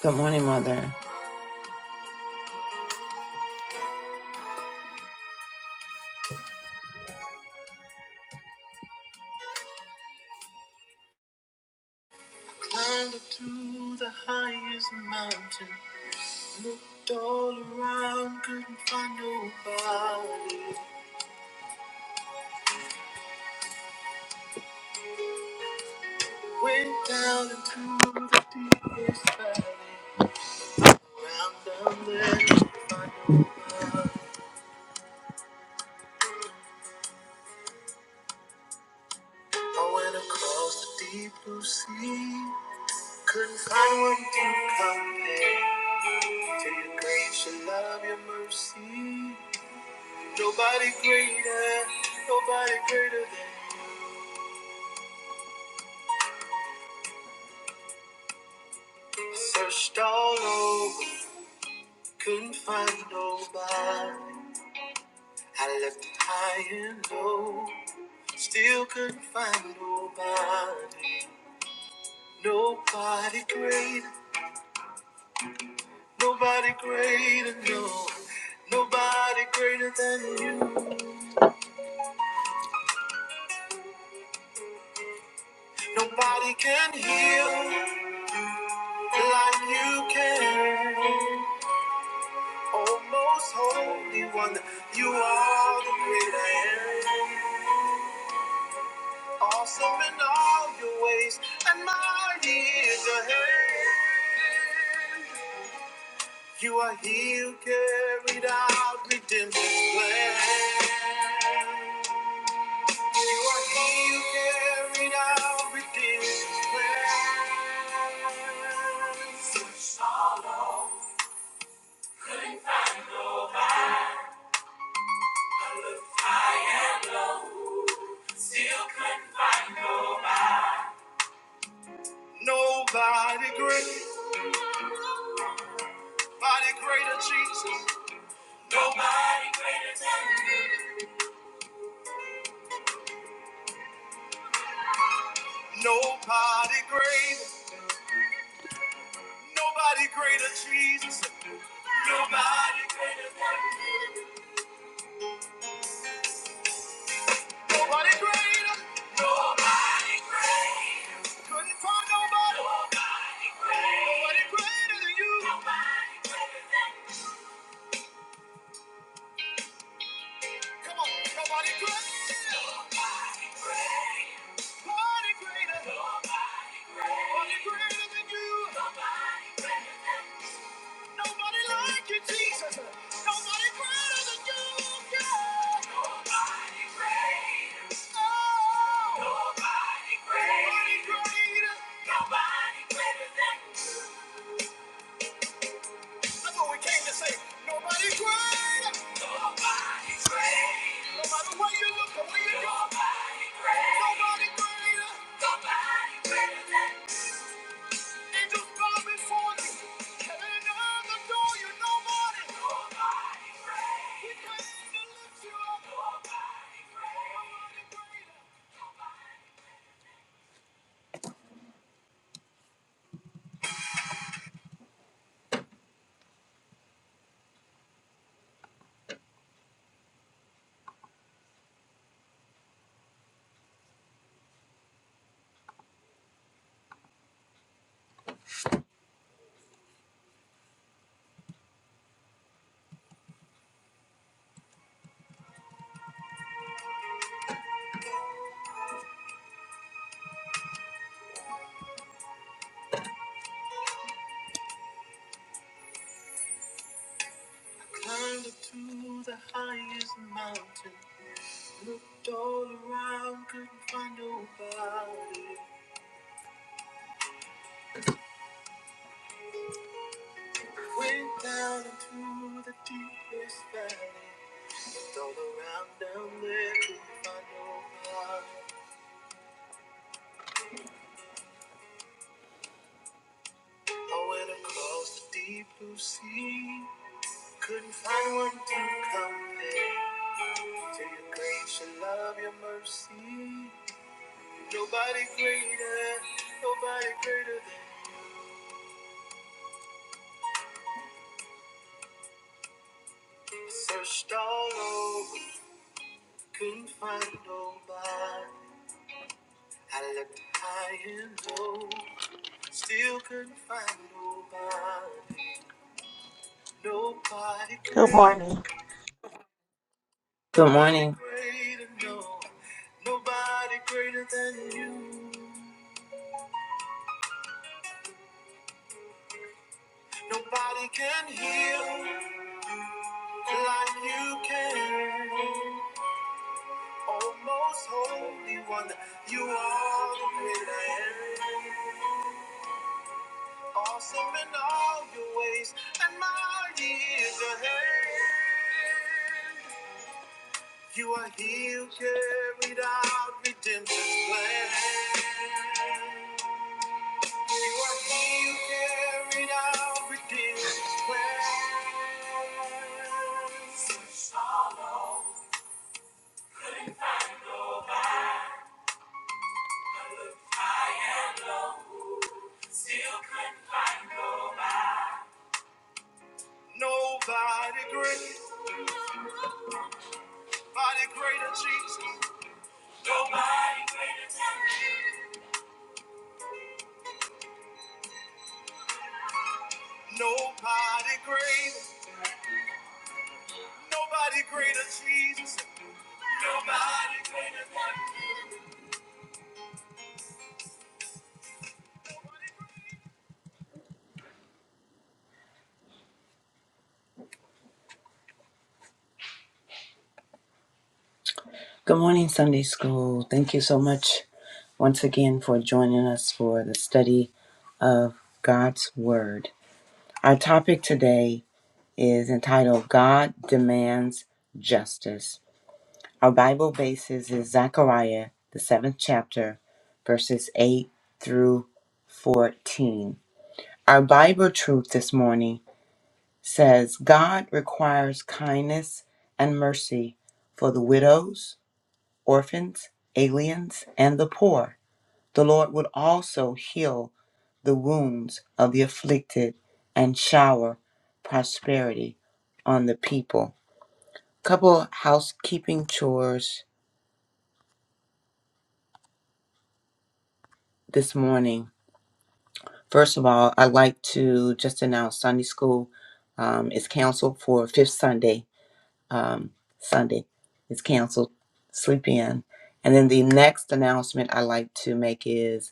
Good morning, Mother. Climbed up to the highest mountain. Looked all around, couldn't find nobody. Went down into the deepest valley. Round down there, I went across the deep blue sea. Couldn't find one to compare to your grace, your love, your mercy. Nobody greater, nobody greater than. you. Searched all over. Couldn't find nobody. I looked high and low. Still couldn't find nobody. Nobody greater. Nobody greater, no. Nobody greater than you. Nobody can heal like you can. Oh, most holy one, you are the great I am. Awesome in all your ways, and mighty is your hand. You are he who carried out redemption's plan. You are he who carried out redemption's plan. Nobody great, nobody greater, Jesus. Nobody greater than you. Nobody greater, nobody greater, Jesus. Nobody Nobody greater. Nobody greater. Couldn't find nobody. Nobody greater. Nobody greater than you. Nobody greater than you. Come on. Nobody greater. Nobody greater. Nobody greater. Nobody greater. Nobody greater than you. Nobody greater. than. you. Nobody like you, Jesus. Nobody greater than you, God. Nobody greater. Oh. Nobody greater. Nobody greater. Nobody greater than you. That's what we came to say. Nobody greater. Nobody greater. No matter where you look or where you go. Nobody greater. Nobody greater. Nobody greater than you. Angels bow before Heaven and earth adore you. Nobody, nobody great. He comes to lift you up. Nobody great. Nobody Went down into the deepest valley. Looked all around down there, couldn't find nobody. I went across the deep blue sea. Couldn't find one to compare to your grace, your love, your mercy. Nobody greater, nobody greater than you. Searched all over, couldn't find nobody. I looked high and low, still couldn't find nobody. Nobody Good greater. morning. Good morning. Greater, no. Nobody greater than you. Nobody can heal like you can. Oh, most holy one, you are the greater. Awesome in all your ways, and mighty is your hand. You are he who carried out redemption's plan. You are he who carried out redemption's plan. Still couldn't find nobody. Nobody great, nobody greater Jesus. Nobody greater than me. Nobody greater, nobody greater Jesus. Good morning, Sunday School. Thank you so much once again for joining us for the study of God's Word. Our topic today is entitled God Demands Justice. Our Bible basis is Zechariah, the seventh chapter, verses 8 through 14. Our Bible truth this morning says God requires kindness and mercy for the widows orphans, aliens, and the poor. The Lord would also heal the wounds of the afflicted and shower prosperity on the people. Couple housekeeping chores this morning. First of all, I'd like to just announce Sunday school um, is canceled for fifth Sunday. Um, Sunday is canceled. Sleep in. And then the next announcement I like to make is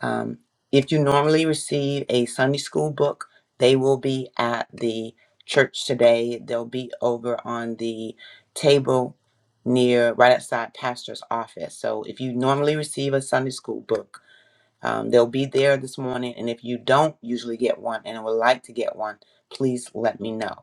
Um, if you normally receive a Sunday school book, they will be at the church today. They'll be over on the table near right outside pastor's office. So if you normally receive a Sunday school book, um, they'll be there this morning. And if you don't usually get one and would like to get one, please let me know.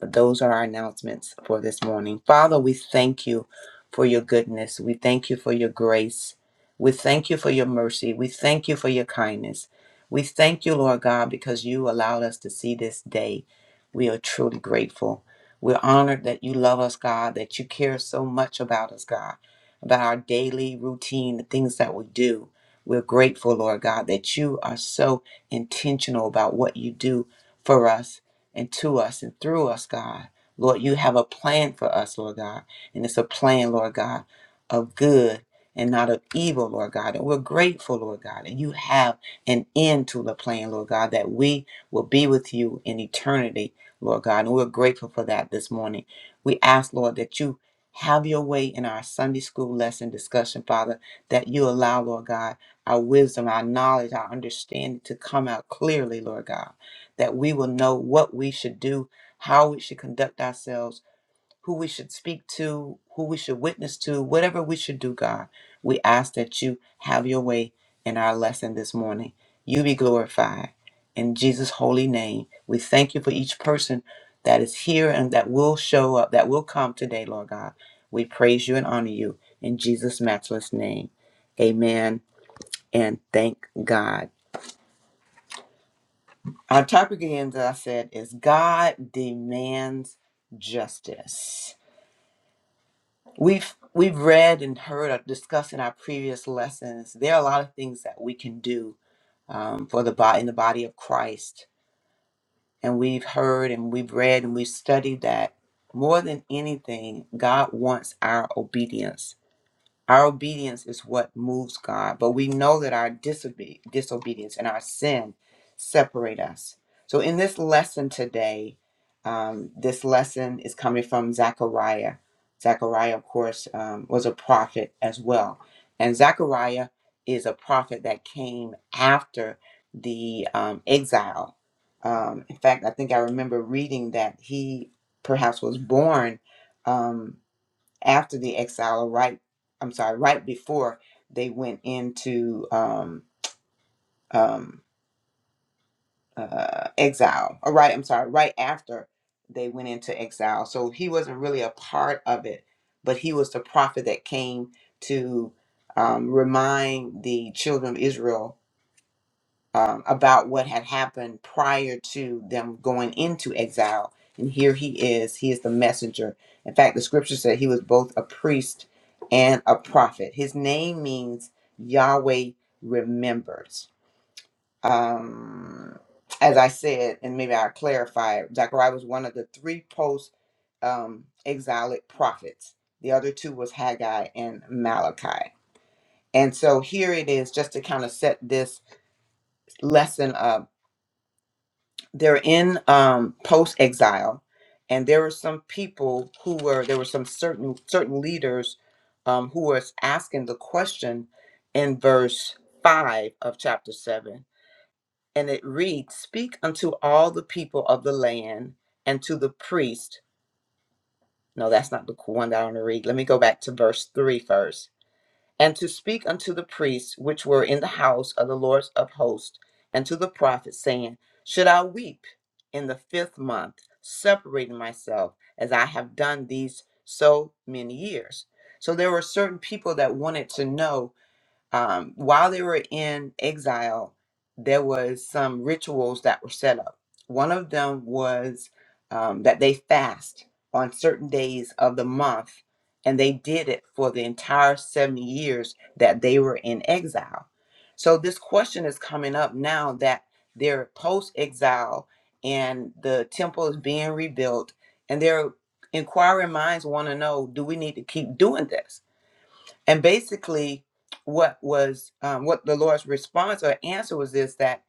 But those are our announcements for this morning. Father, we thank you for your goodness. We thank you for your grace. We thank you for your mercy. We thank you for your kindness. We thank you, Lord God, because you allowed us to see this day. We are truly grateful. We're honored that you love us, God, that you care so much about us, God, about our daily routine, the things that we do. We're grateful, Lord God, that you are so intentional about what you do for us and to us and through us, God. Lord, you have a plan for us, Lord God. And it's a plan, Lord God, of good and not of evil, Lord God. And we're grateful, Lord God. And you have an end to the plan, Lord God, that we will be with you in eternity, Lord God. And we're grateful for that this morning. We ask, Lord, that you have your way in our Sunday school lesson discussion, Father, that you allow, Lord God, our wisdom, our knowledge, our understanding to come out clearly, Lord God that we will know what we should do, how we should conduct ourselves, who we should speak to, who we should witness to, whatever we should do, God. We ask that you have your way in our lesson this morning. You be glorified. In Jesus' holy name, we thank you for each person that is here and that will show up, that will come today, Lord God. We praise you and honor you in Jesus' matchless name. Amen and thank God. Our topic again, as I said, is God demands justice. We've we've read and heard or discussed in our previous lessons. There are a lot of things that we can do um, for the body in the body of Christ, and we've heard and we've read and we've studied that more than anything, God wants our obedience. Our obedience is what moves God, but we know that our disobe- disobedience and our sin separate us. So, in this lesson today, um, this lesson is coming from Zechariah. Zechariah, of course, um, was a prophet as well. And Zechariah is a prophet that came after the um, exile. Um, in fact, I think I remember reading that he perhaps was born. Um, after the exile, or right, I'm sorry, right before they went into um, um, uh, exile, or right, I'm sorry, right after they went into exile. So he wasn't really a part of it, but he was the prophet that came to um, remind the children of Israel um, about what had happened prior to them going into exile. And here he is. He is the messenger. In fact, the scripture said he was both a priest and a prophet. His name means Yahweh remembers. Um, as I said, and maybe I'll clarify, Zechariah was one of the three post um, exilic prophets. The other two was Haggai and Malachi. And so here it is, just to kind of set this lesson up they're in um, post exile, and there were some people who were there were some certain certain leaders um, who were asking the question in verse five of chapter seven, and it reads, "Speak unto all the people of the land and to the priest." No, that's not the one that I want to read. Let me go back to verse three first and to speak unto the priests which were in the house of the Lord of hosts, and to the prophets, saying, Should I weep in the fifth month, separating myself as I have done these so many years? So there were certain people that wanted to know um, while they were in exile, there was some rituals that were set up. One of them was um, that they fast on certain days of the month, and they did it for the entire 70 years that they were in exile. So, this question is coming up now that they're post exile and the temple is being rebuilt, and their inquiring minds want to know do we need to keep doing this? And basically, what was um, what the Lord's response or answer was is that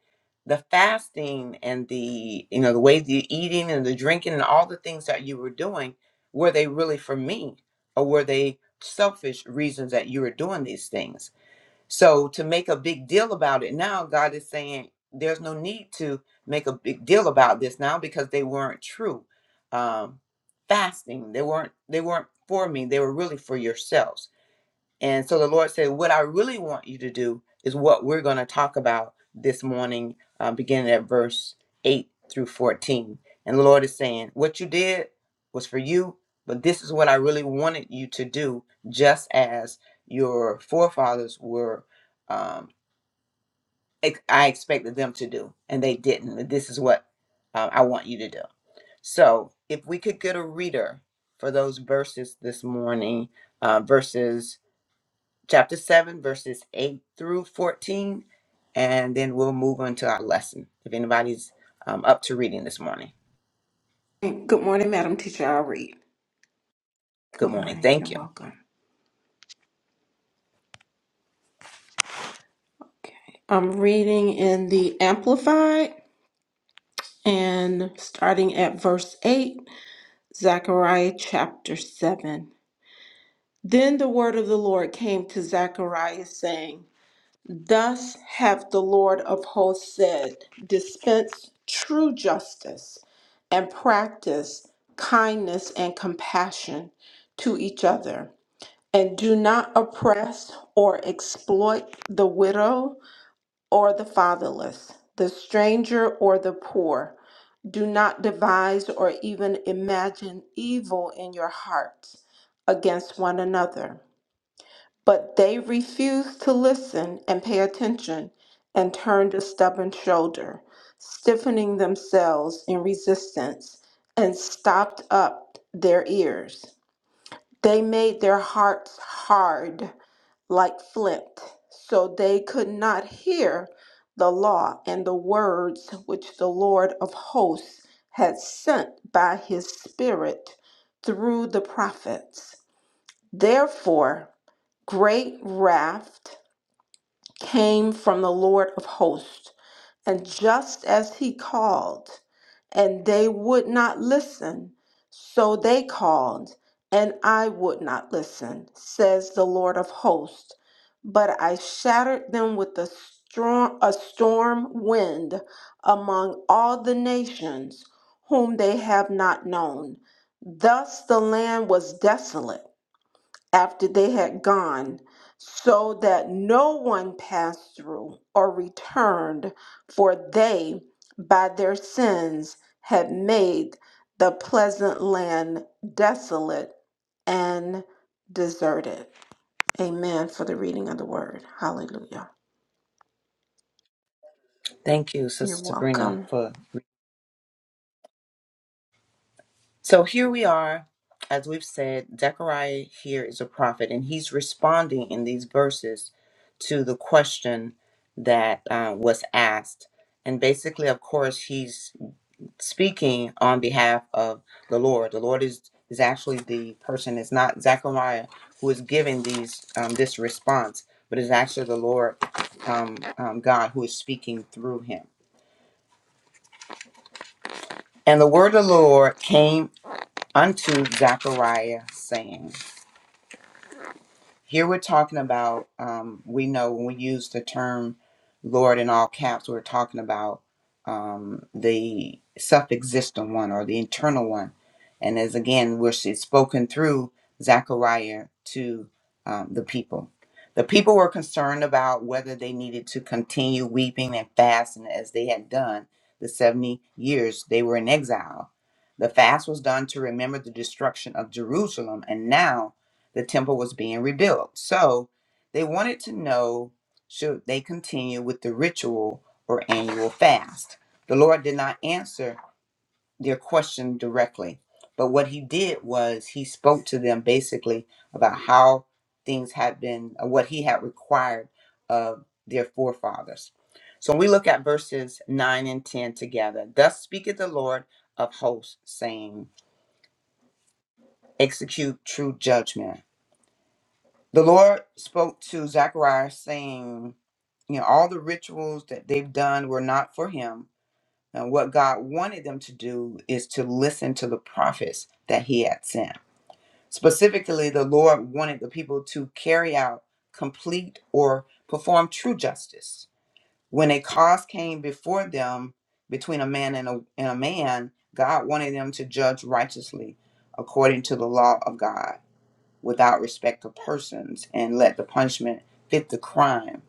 the fasting and the you know the way the eating and the drinking and all the things that you were doing were they really for me or were they selfish reasons that you were doing these things? So to make a big deal about it now, God is saying there's no need to make a big deal about this now because they weren't true. Um, fasting, they weren't they weren't for me. They were really for yourselves. And so the Lord said, What I really want you to do is what we're going to talk about this morning, uh, beginning at verse 8 through 14. And the Lord is saying, What you did was for you, but this is what I really wanted you to do, just as your forefathers were, um, ex- I expected them to do, and they didn't. And This is what uh, I want you to do. So if we could get a reader for those verses this morning, uh, verses chapter 7, verses 8 through 14, and then we'll move on to our lesson if anybody's um, up to reading this morning. Good morning, Madam Teacher. I'll read. Good Good morning. morning. You're Thank you. welcome. Okay. I'm reading in the Amplified and starting at verse 8, Zechariah chapter 7. Then the word of the Lord came to Zechariah, saying, Thus hath the Lord of hosts said, Dispense true justice and practice kindness and compassion to each other And do not oppress or exploit the widow or the fatherless, the stranger or the poor. Do not devise or even imagine evil in your hearts against one another. But they refused to listen and pay attention and turned a stubborn shoulder, stiffening themselves in resistance and stopped up their ears. They made their hearts hard like flint, so they could not hear the law and the words which the Lord of hosts had sent by his Spirit through the prophets. Therefore, great wrath came from the Lord of hosts and just as he called, and they would not listen, so they called, and I would not listen, says the Lord of hosts. But I shattered them with a storm, a storm wind among all the nations whom they have not known. Thus the land was desolate after they had gone, so that no one passed through or returned, for they by their sins had made the pleasant land desolate and deserted. Amen for the reading of the word. Hallelujah. Thank you, You're Sister Sabrina, welcome. for. So here we are. As we've said, Zechariah here is a prophet, and he's responding in these verses to the question that uh, was asked. And basically, of course, he's speaking on behalf of the Lord. The Lord is is actually the person. It's not Zechariah who is giving these um, this response, but it's actually the Lord um, um, God who is speaking through him. And the word of the Lord came unto Zechariah, saying. Here we're talking about, um, we know when we use the term Lord in all caps, we're talking about um, the self existent one or the internal one. And as again, which is spoken through Zechariah to um, the people. The people were concerned about whether they needed to continue weeping and fasting as they had done the 70 years they were in exile. The fast was done to remember the destruction of Jerusalem, and now the temple was being rebuilt. So they wanted to know should they continue with the ritual or annual fast. The Lord did not answer their question directly, but what he did was he spoke to them basically about how things had been, uh, what he had required of their forefathers. So when we look at verses 9 and 10 together, thus speaketh the Lord of hosts, saying, Execute true judgment the Lord spoke to Zechariah, saying, You know, all the rituals that they've done were not for him. And what God wanted them to do is to listen to the prophets that he had sent. Specifically, the Lord wanted the people to carry out, complete, or perform true justice. When a cause came before them between a man and a, and a man, God wanted them to judge righteously according to the law of God without respect of persons and let the punishment fit the crime.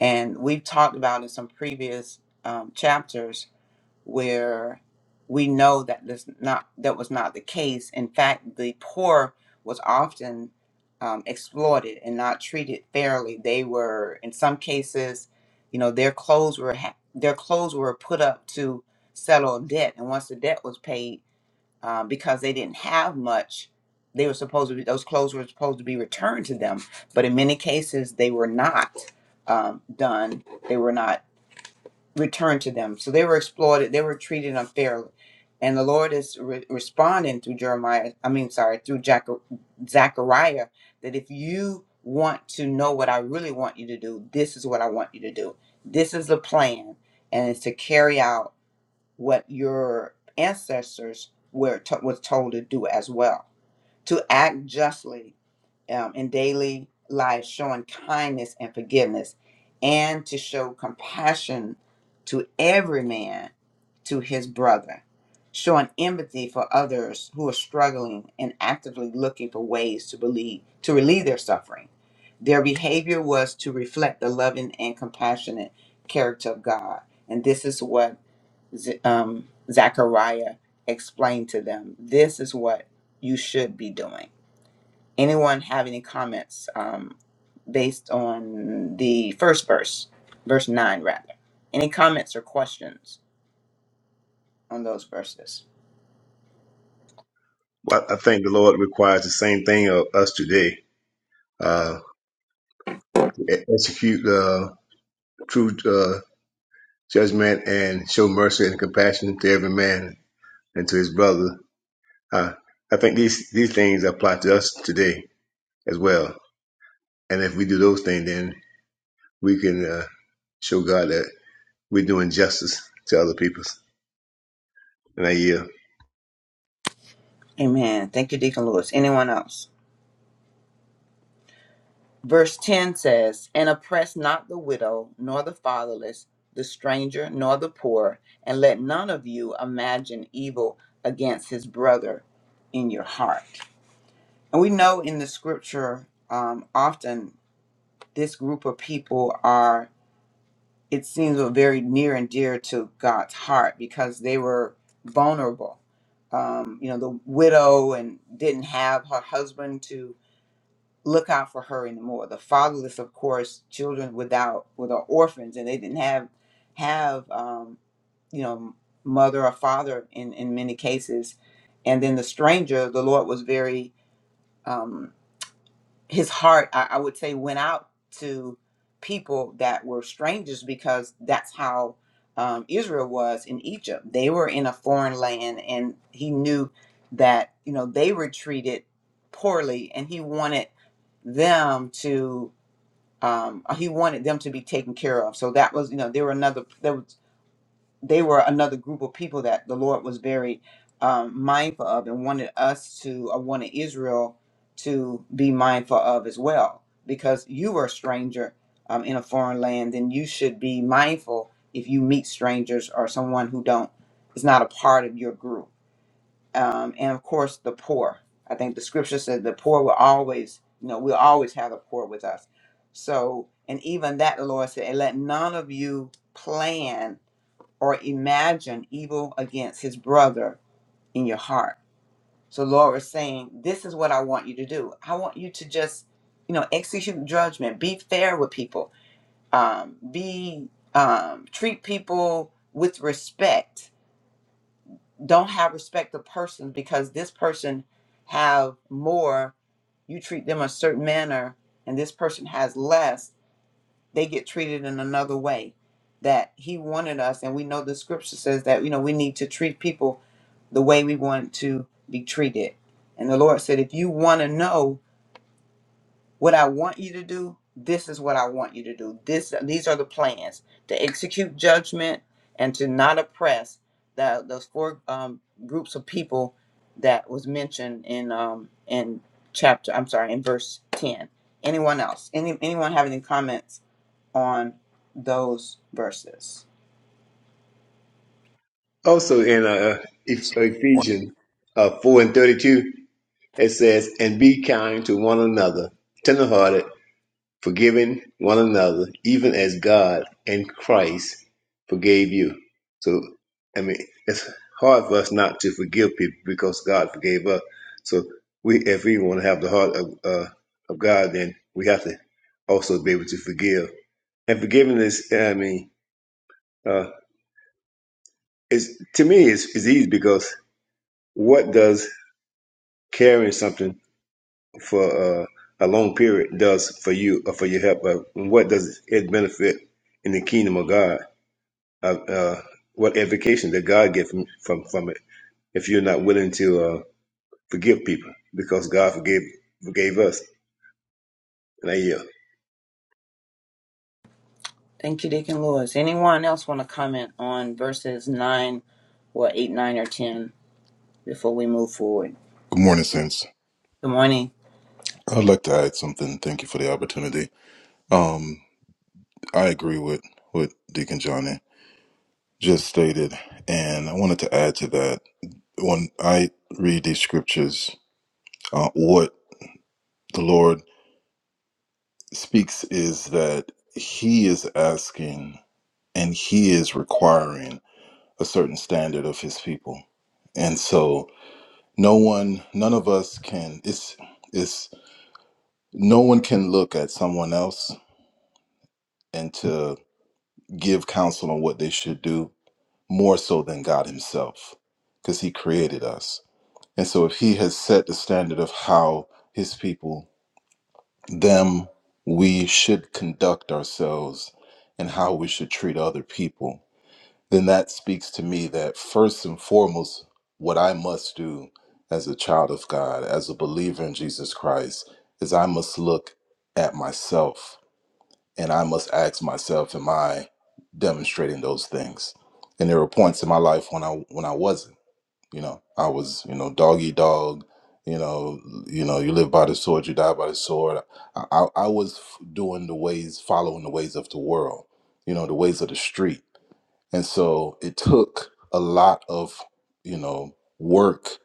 And we've talked about in some previous um, chapters where we know that this not that was not the case. In fact, the poor was often um, exploited and not treated fairly. They were, in some cases, you know, their clothes were ha- their clothes were put up to settle a debt, and once the debt was paid, um, because they didn't have much. They were supposed to be, those clothes were supposed to be returned to them, but in many cases they were not um, done. They were not returned to them. So they were exploited. They were treated unfairly. And the Lord is re- responding through Jeremiah, I mean, sorry, through Jac- Zechariah, that if you want to know what I really want you to do, this is what I want you to do. This is the plan, and it's to carry out what your ancestors were to- was told to do as well to act justly um, in daily life showing kindness and forgiveness and to show compassion to every man to his brother showing empathy for others who are struggling and actively looking for ways to believe to relieve their suffering their behavior was to reflect the loving and compassionate character of god and this is what Z- um, Zechariah explained to them, this is what you should be doing. Anyone have any comments um, based on the first verse, verse 9, rather? Any comments or questions on those verses? Well, I think the Lord requires the same thing of us today. Uh, to e-, execute uh, true uh, judgment and show mercy and compassion to every man and to his brother. Uh, I think these, these things apply to us today as well. And if we do those things, then we can uh, show God that we're doing justice to other people in a year. Amen. Thank you, Deacon Lewis. Anyone else? Verse 10 says, And oppress not the widow, nor the fatherless, the stranger, nor the poor, and let none of you imagine evil against his brother in your heart. And we know in the scripture, um, often this group of people are, it seems, were very near and dear to God's heart because they were vulnerable. Um, you know, the widow and didn't have her husband to look out for her anymore. The fatherless, of course, children without, with orphans, and they didn't have have um, you know mother or father in in many cases. And then the stranger, the Lord was very um, his heart I, I would say went out to people that were strangers because that's how um, israel was in egypt they were in a foreign land and he knew that you know they were treated poorly and he wanted them to um, he wanted them to be taken care of so that was you know there were another there was they were another group of people that the Lord was very um, mindful of and wanted us to, or wanted Israel to be mindful of as well. Because you were a stranger um, in a foreign land, and you should be mindful if you meet strangers or someone who don't is not a part of your group. Um, and of course, the poor. I think the scripture said the poor will always, you know, we'll always have the poor with us. So, and even that, the Lord said, and let none of you plan or imagine evil against his brother in your heart. So Lord was saying, This is what I want you to do. I want you to just, you know, execute judgment, be fair with people, um, be um, treat people with respect. Don't have respect of persons because this person have more, you treat them a certain manner, and this person has less, they get treated in another way. That he wanted us, and we know the scripture says that, you know, we need to treat people the way we want to be treated. And the Lord said, if you want to know what I want you to do, this is what I want you to do. This, these are the plans to execute judgment and to not oppress the, those four um, groups of people that was mentioned in um, in chapter. I'm sorry, in verse ten. Anyone else? Any anyone have any comments on those verses? Also in uh, There's Eph- something I wanted- Ephesians uh, 4 and 32, it says, And be kind to one another, tenderhearted forgiving one another, even as God and Christ forgave you. So, I mean, it's hard for us not to forgive people because God forgave us. So, we, if we want to have the heart of uh, of God, then we have to also be able to forgive. And forgiveness, I mean, uh, is to me is is easy because what does carrying something for uh, a long period does for you or for your help? Uh, what does it benefit in the kingdom of God? uh, uh, what edification did God get from, from, from it if you're not willing to uh, forgive people because God forgave forgave us in a year. Thank you, Deacon Lewis. Anyone else want to comment on verses 9 or 8, 9, or 10 before we move forward? Good morning, Sense. Good morning. I'd like to add something. Thank you for the opportunity. Um, I agree with what Deacon Johnny just stated, and I wanted to add to that. When I read these scriptures, uh, what the Lord speaks is that He is asking and He is requiring a certain standard of His people, and so no one, none of us can. It's it's no one can look at someone else and to give counsel on what they should do more so than God Himself, because He created us. And so, if He has set the standard of how His people, them, we should conduct ourselves and how we should treat other people, then that speaks to me that first and foremost, what I must do as a child of God, as a believer in Jesus Christ, is I must look at myself and I must ask myself, am I demonstrating those things? And there were points in my life when I when I wasn't. You know, I was you know dog eat dog. You know, you know, you live by the sword, you die by the sword. I, I, I was f- doing the ways, following the ways of the world. You know, the ways of the street. And so it took a lot of you know work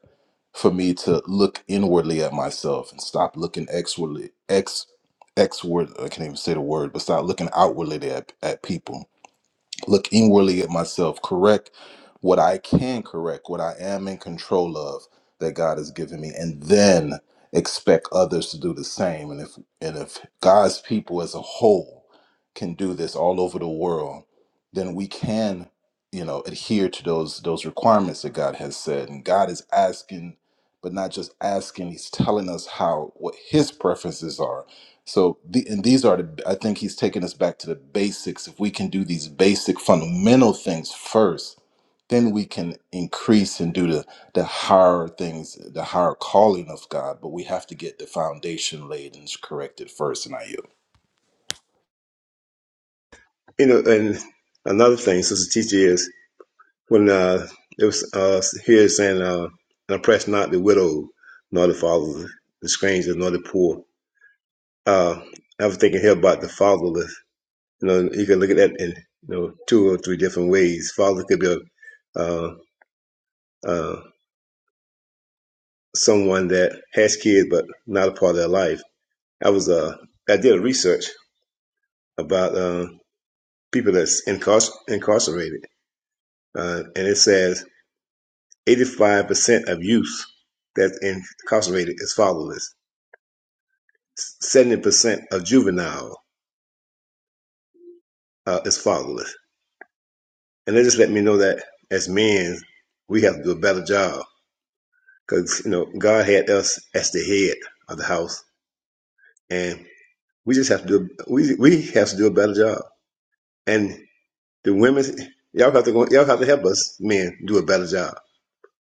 for me to look inwardly at myself and stop looking exwardly ex exward I can't even say the word, but stop looking outwardly at, at people look inwardly at myself, correct what I can correct, what I am in control of that God has given me, and then expect others to do the same. And if and if God's people as a whole can do this all over the world, then we can, you know, adhere to those those requirements that God has said. And God is asking, but not just asking, He's telling us how what His preferences are so, the, and these are the, I think he's taking us back to the basics. If we can do these basic fundamental things first, then we can increase and do the, the higher things, the higher calling of God. But we have to get the foundation laid and corrected first. And I yield. You know, and another thing, Sister Teacher, is when uh, it was uh, here it's saying, uh, and oppress not the widow, nor the fatherless, the stranger, nor the poor. Uh, I was thinking here about the fatherless. You know, you can look at that in you know two or three different ways. Father could be a uh, uh, someone that has kids but not a part of their life. I was uh I did a research about uh, people that's incarcer- incarcerated, uh, and it says 85% of youth that's incarcerated is fatherless. 70% of juvenile uh, is fatherless, and they just let me know that as men we have to do a better job because you know God had us as the head of the house, and we just have to do we we have to do a better job. And The women, y'all have to go, y'all have to help us men do a better job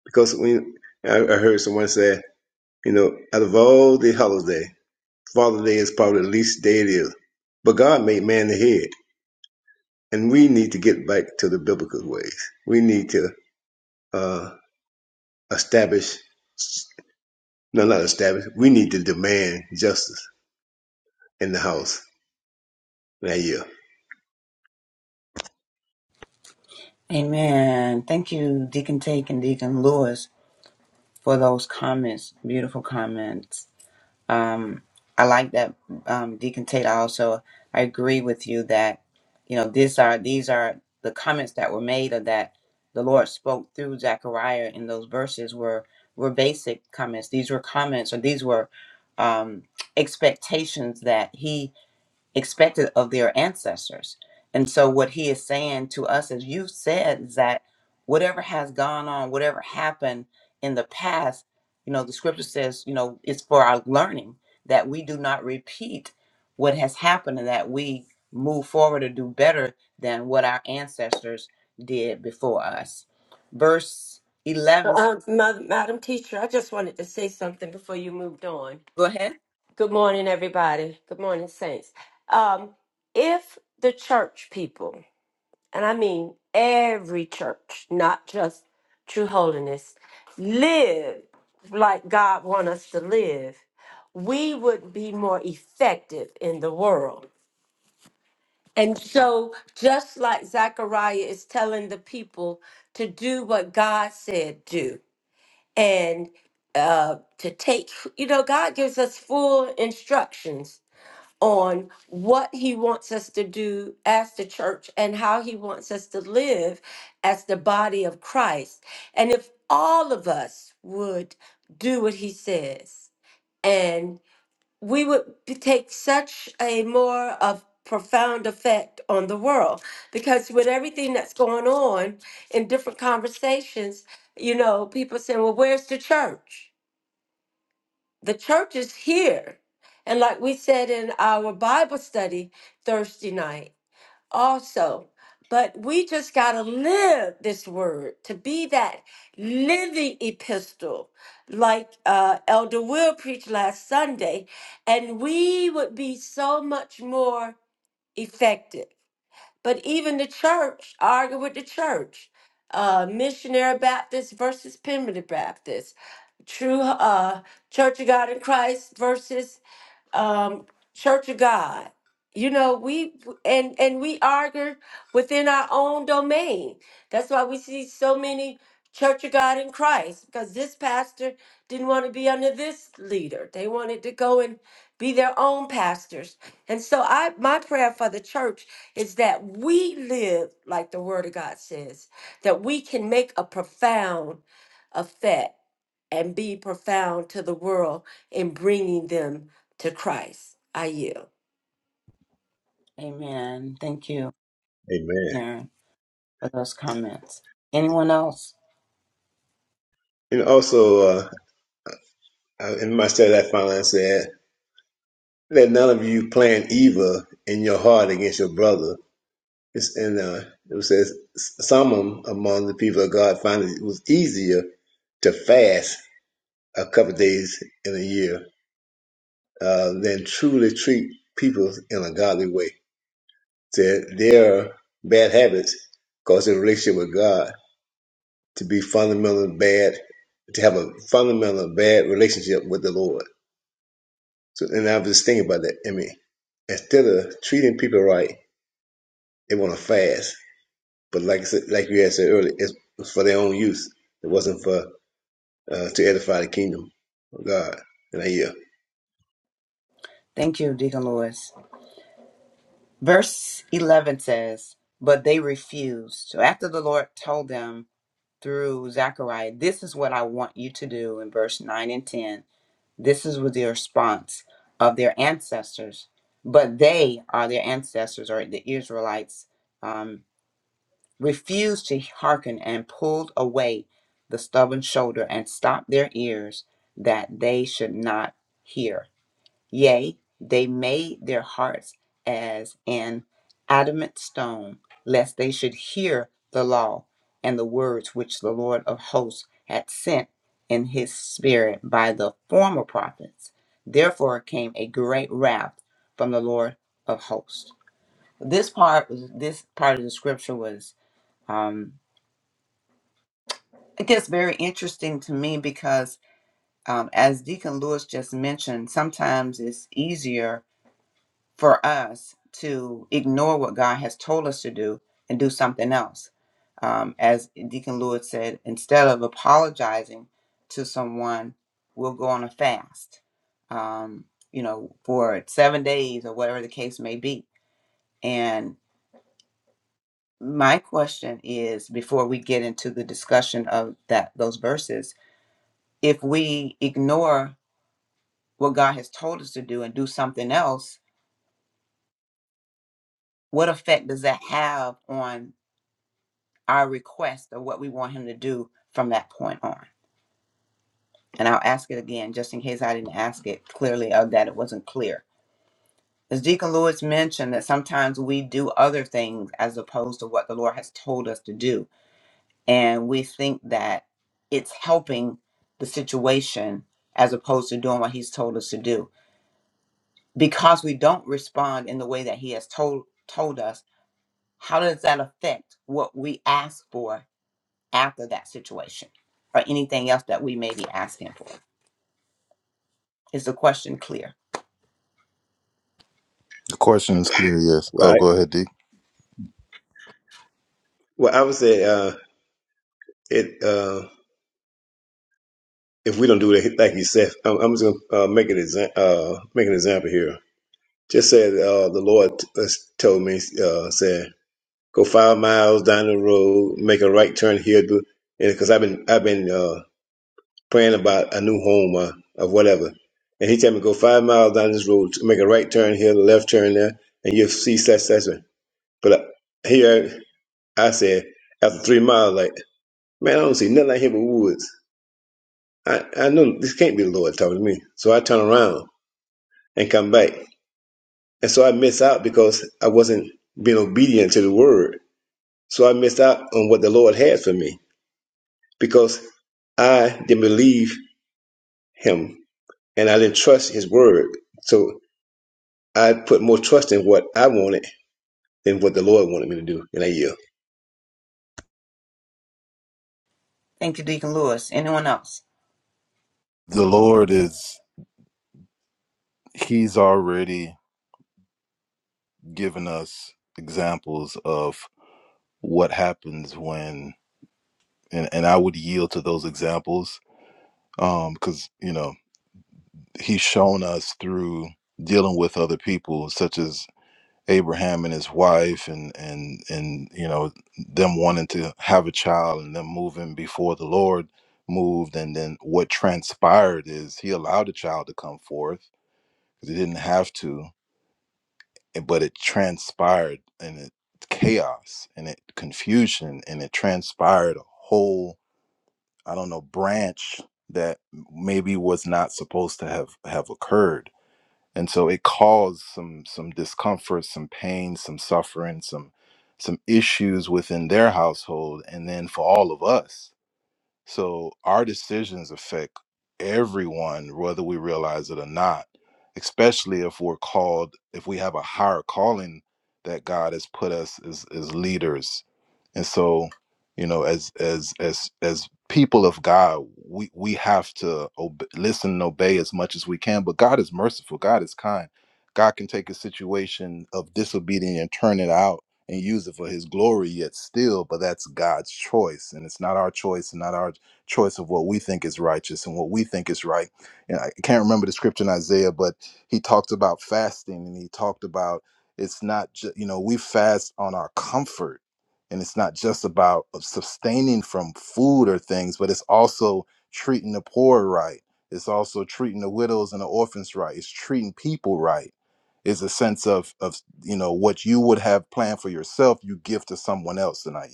because when I, I heard someone say, you know, out of all the holidays, Father's Day is probably the least day it is. But God made man the head, and we need to get back to the biblical ways. We need to uh, establish, no, not establish. We need to demand justice in the house that year. Amen. Thank you, Deacon Take and Deacon Lewis, for those comments. Beautiful comments. Um, I like that, um, Deacon Tate. I also I agree with you that you know these are these are the comments that were made or that the Lord spoke through Zechariah in those verses were were basic comments. These were comments or these were um, expectations that he expected of their ancestors. And so, what he is saying to us as you said is that whatever has gone on, whatever happened in the past, you know, the scripture says, you know, it's for our learning that we do not repeat what has happened and that we move forward or do better than what our ancestors did before us. Verse 11, Uh, Ma- Madam Teacher, I just wanted to say something before you moved on. go ahead. Good morning, everybody. Good morning, Saints. Um, if the church people, and I mean every church, not just True Holiness, live like God wants us to live, we would be more effective in the world. And so, just like Zechariah is telling the people to do what God said do, and uh, to take, you know, God gives us full instructions on what He wants us to do as the church and how He wants us to live as the body of Christ. And if all of us would do what He says, and we would be- take such a more of profound effect on the world because with everything that's going on in different conversations you know people saying well where's the church the church is here and like we said in our bible study thursday night also. But we just got to live this word to be that living epistle, like uh, Elder Will preached last Sunday, and we would be so much more effective. But even the church, argue with the church, uh, missionary Baptist versus primitive Baptist, true uh, Church of God in Christ versus um, Church of God. You know, we and and we argue within our own domain. That's why we see so many Church of God in Christ because this pastor didn't want to be under this leader. They wanted to go and be their own pastors. And so I my prayer for the church is that we live like the word of God says, that we can make a profound effect and be profound to the world in bringing them to Christ. I yield. Amen. Thank you, Amen. Aaron, for those comments. Anyone else? And also, uh, in my study, I found I said, "Let none of you plan evil in your heart against your brother." It's in uh, it says some among the people of God found it was easier to fast a couple of days in a year uh, than truly treat people in a godly way. Their, their bad habits cause their relationship with God to be fundamentally bad, to have a fundamental bad relationship with the Lord. So, and I was just thinking about that. I mean, instead of treating people right, they want to fast. But like I said, like you had said earlier, it's for their own use. It wasn't for uh, to edify the kingdom of God. And I yeah. Thank you, Deacon Lewis. Verse 11 says, But they refused. So after the Lord told them through Zechariah, This is what I want you to do in verse 9 and 10, this is with the response of their ancestors. But they are their ancestors, or the Israelites, um, refused to hearken and pulled away the stubborn shoulder and stopped their ears that they should not hear. Yea, they made their hearts as an adamant stone, lest they should hear the law and the words which the Lord of hosts had sent in his spirit by the former prophets. Therefore came a great wrath from the Lord of hosts. This part was this part of the scripture was um I guess very interesting to me because um, as Deacon Lewis just mentioned, sometimes it's easier for us to ignore what God has told us to do and do something else. Um, as Deacon Lewis said, instead of apologizing to someone, we'll go on a fast, um, you know, for seven days or whatever the case may be. And my question is before we get into the discussion of that those verses if we ignore what god has told us to do and do something else what effect does that have on our request of what we want him to do from that point on. And I'll ask it again just in case I didn't ask it clearly or that it wasn't clear. As Deacon Lewis mentioned, that sometimes we do other things as opposed to what the Lord has told us to do. And we think that it's helping the situation as opposed to doing what he's told us to do. Because we don't respond in the way that he has told told us, how does that affect what we ask for after that situation or anything else that we may be asking for. Is the question clear? The question is clear, yes. Well, Oh, I, go ahead, D. well, I would say uh, it uh, if we don't do it like you said, I'm, I'm just gonna uh, make an example. Uh, make an example here. Just said uh, the Lord uh, told me, uh, said, go five miles down the road, make a right turn here, do and because I've been I've been uh, praying about a new home or, or whatever. And he told me go five miles down this road, make a right turn here, left turn there, and you'll see such such. such." But uh, here. I said, after three miles, like, man, I don't see nothing out here but woods. I, I know this can't be the Lord talking to me. So I turn around and come back. And so I miss out because I wasn't being obedient to the word. So I missed out on what the Lord had for me because I didn't believe him and I didn't trust his word. So I put more trust in what I wanted than what the Lord wanted me to do in a year. Thank you, Deacon Lewis. Anyone else? The Lord is, He's already given us examples of what happens when, and, and I would yield to those examples um, because, you know. he's shown us through dealing with other people such as Abraham and his wife and and and you know them wanting to have a child and them moving before the Lord moved and then what transpired is he allowed the child to come forth because he didn't have to and- but it transpired and it chaos and it confusion and it transpired a whole I don't know branch that maybe was not supposed to have have occurred and so it caused some some discomfort some pain some suffering some some issues within their household and then for all of us so our decisions affect everyone, whether we realize it or not, especially if we're called, if we have a higher calling that God has put us as, as leaders. And so, you know, as as as as people of God, we we have to obe- listen and obey as much as we can. But God is merciful. God is kind. God can take a situation of disobedience and turn it out and use it for His glory. Yet still, but that's God's choice, and it's not our choice, and not our choice of what we think is righteous and what we think is right. And I can't remember the scripture in Isaiah, but he talked about fasting and he talked about it's not just, you know, we fast on our comfort and it's not just about sustaining from food or things, but it's also treating the poor right. It's also treating the widows and the orphans right. It's treating people right. It's a sense of of you know what you would have planned for yourself, you give to someone else tonight.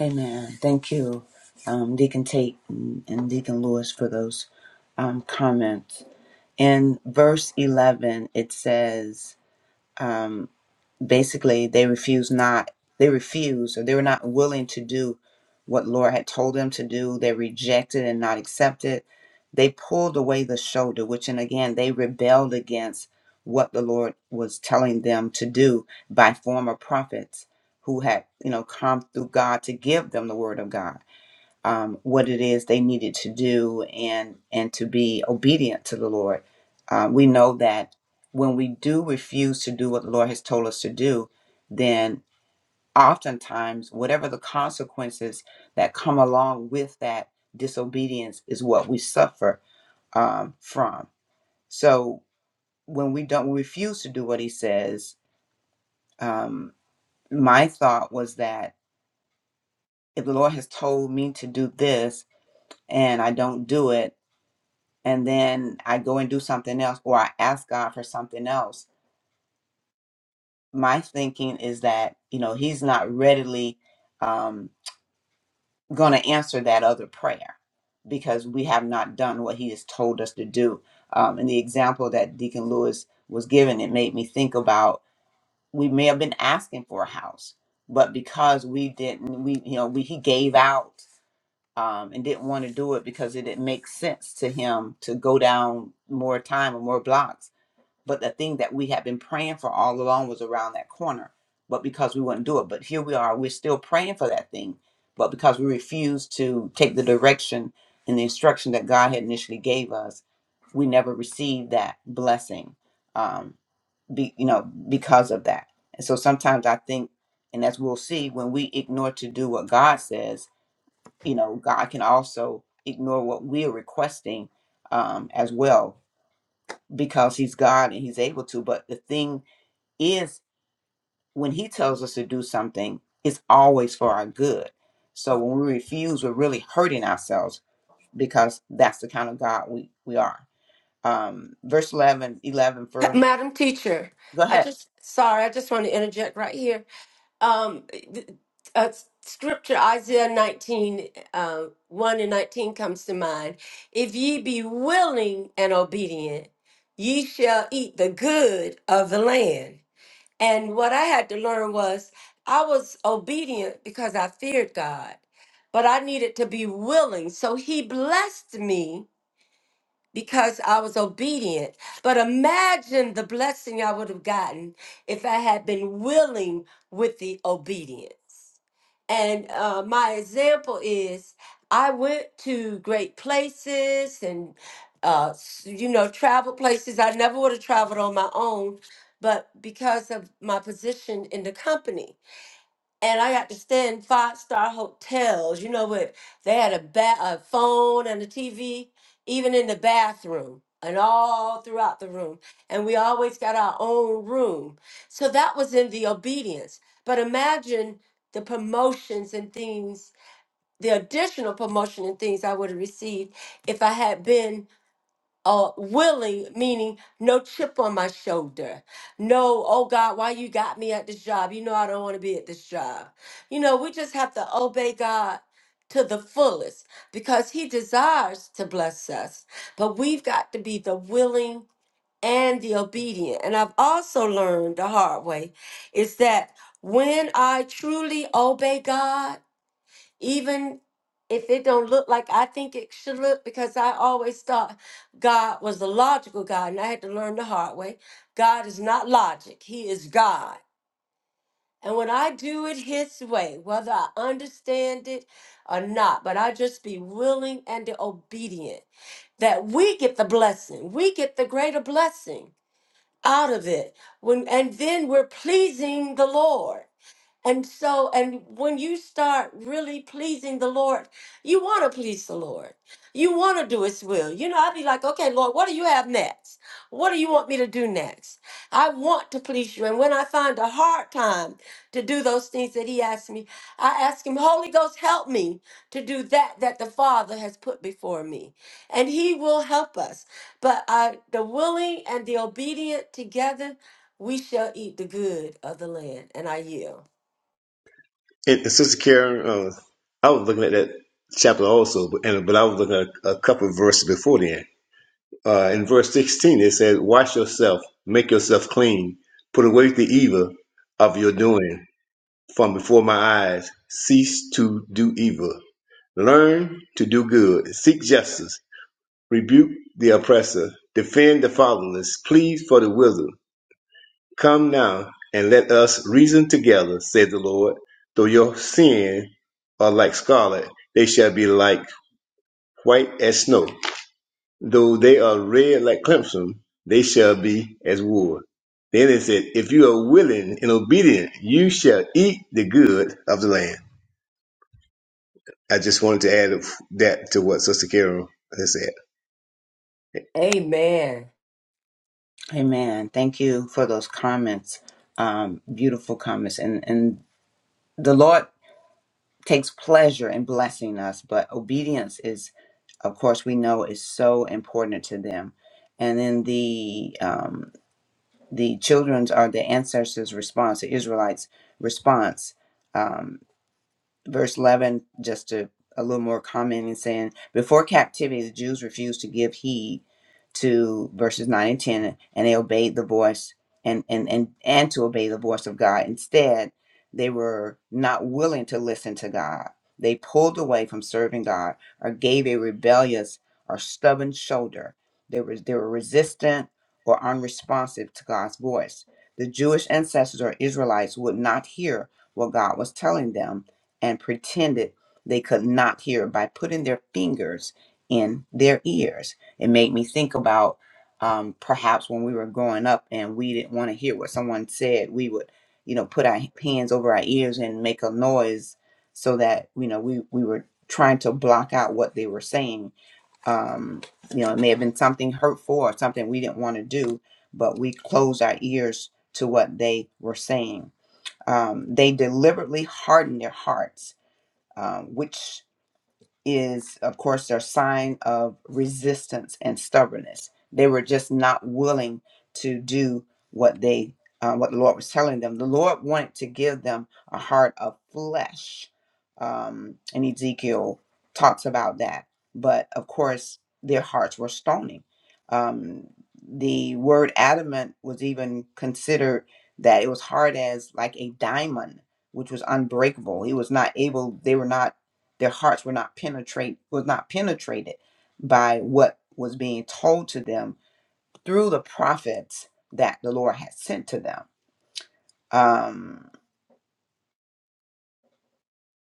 Amen. Thank you, um, Deacon Tate and and Deacon Lewis, for those um, comments. In verse 11, it says, um, basically they refused not they refused or they were not willing to do what Lord had told them to do. They rejected and not accepted. They pulled away the shoulder, which and again they rebelled against what the Lord was telling them to do by former prophets who had, you know, come through God to give them the word of God um, what it is they needed to do and and to be obedient to the Lord. Um, we know that when we do refuse to do what the Lord has told us to do, then oftentimes whatever the consequences that come along with that disobedience is what we suffer um, from. So when we don't refuse to do what He says, um, my thought was that if the Lord has told me to do this and I don't do it and then I go and do something else or I ask God for something else. My thinking is that, you know, He's not readily um, going to answer that other prayer because we have not done what He has told us to do. Um, and the example that Deacon Lewis was given, it made me think about we may have been asking for a house, but because we didn't, we, you know, we, He gave out. Um, and didn't want to do it because it didn't make sense to him to go down more time or more blocks But the thing that we had been praying for all along was around that corner, but because we wouldn't do it. But here we are, we're still praying for that thing, but because we refused to take the direction and the instruction that God had initially gave us, we never received that blessing, um, be, you know, because of that. And so sometimes I think, and as we'll see, when we ignore to do what God says, you know, God can also ignore what we are requesting um, as well because He's God and He's able to. But the thing is when he tells us to do something, it's always for our good. So when we refuse, we're really hurting ourselves because that's the kind of God we, we are. Um, verse 11, 11. for, Madam Teacher, go I ahead. just, sorry, I just want to interject right here. Um, th- uh, scripture Isaiah 19, uh, 1 and 19 comes to mind. If ye be willing and obedient, ye shall eat the good of the land. And what I had to learn was I was obedient because I feared God, but I needed to be willing. So He blessed me because I was obedient. But imagine the blessing I would have gotten if I had been willing with the obedience. And uh, my example is I went to great places and, uh, s- you know, travel places I never would have traveled on my own, but because of my position in the company and I got to stay in five star hotels, you know, with they had a, ba- a phone and a TV, even in the bathroom and all throughout the room. And we always got our own room. So that was in the obedience. But imagine the promotions and things, the additional promotion and things I would have received if I had been uh willing meaning no chip on my shoulder no oh god why you got me at this job you know i don't want to be at this job you know we just have to obey god to the fullest because he desires to bless us but we've got to be the willing and the obedient and i've also learned the hard way is that when i truly obey god even if it don't look like I think it should look, because I always thought God was a logical God, and I had to learn the hard way. God is not logic; He is God. And when I do it His way, whether I understand it or not, but I just be willing and obedient, that we get the blessing, we get the greater blessing out of it. When and then we're pleasing the Lord. And so, and when you start really pleasing the Lord, you want to please the Lord. You want to do His will. You know, I'd be like, okay, Lord, what do you have next? What do you want me to do next? I want to please you. And when I find a hard time to do those things that He asks me, I ask Him, Holy Ghost, help me to do that that the Father has put before me. And He will help us. But uh, the willing and the obedient together, we shall eat the good of the land. And I yield. And, and Sister Karen, uh, I was looking at that chapter also, but, and, but I was looking at a, a couple of verses before then. Uh, in verse 16, it says, Wash yourself, make yourself clean, put away the evil of your doing from before my eyes. Cease to do evil. Learn to do good. Seek justice. Rebuke the oppressor. Defend the fatherless. Plead for the widow. Come now, and let us reason together, said the Lord. Though your sins are like scarlet, they shall be like white as snow. Though they are red like crimson, they shall be as wool. Then it said, If you are willing and obedient, you shall eat the good of the land. I just wanted to add that to what Sister Carol has said. Amen. Amen. Thank you for those comments. Um, beautiful comments. And, and the Lord takes pleasure in blessing us, but obedience is, of course, we know is so important to them. And then the the children's are the ancestors' response, the Israelites' response. um, verse 11 just to a little more comment and saying before captivity the jews refused to give heed to verses 9 and 10 and they obeyed the voice and and and, and to obey the voice of god instead they were not willing to listen to god they pulled away from serving god or gave a rebellious or stubborn shoulder they were they were resistant or unresponsive to god's voice the jewish ancestors or israelites would not hear what god was telling them and pretended they could not hear by putting their fingers in their ears. It made me think about um, perhaps when we were growing up and we didn't want to hear what someone said, we would, you know, put our hands over our ears and make a noise so that, you know, we, we were trying to block out what they were saying. Um, you know, it may have been something hurtful or something we didn't want to do, but we closed our ears to what they were saying. Um, they deliberately hardened their hearts um, which is, of course, their sign of resistance and stubbornness. They were just not willing to do what they uh, what the Lord was telling them. The Lord wanted to give them a heart of flesh, um, and Ezekiel talks about that. But of course, their hearts were stony. Um, the word adamant was even considered that it was hard as like a diamond, which was unbreakable. He was not able. They were not their hearts were not penetrate was not penetrated by what was being told to them through the prophets that the Lord had sent to them. Um,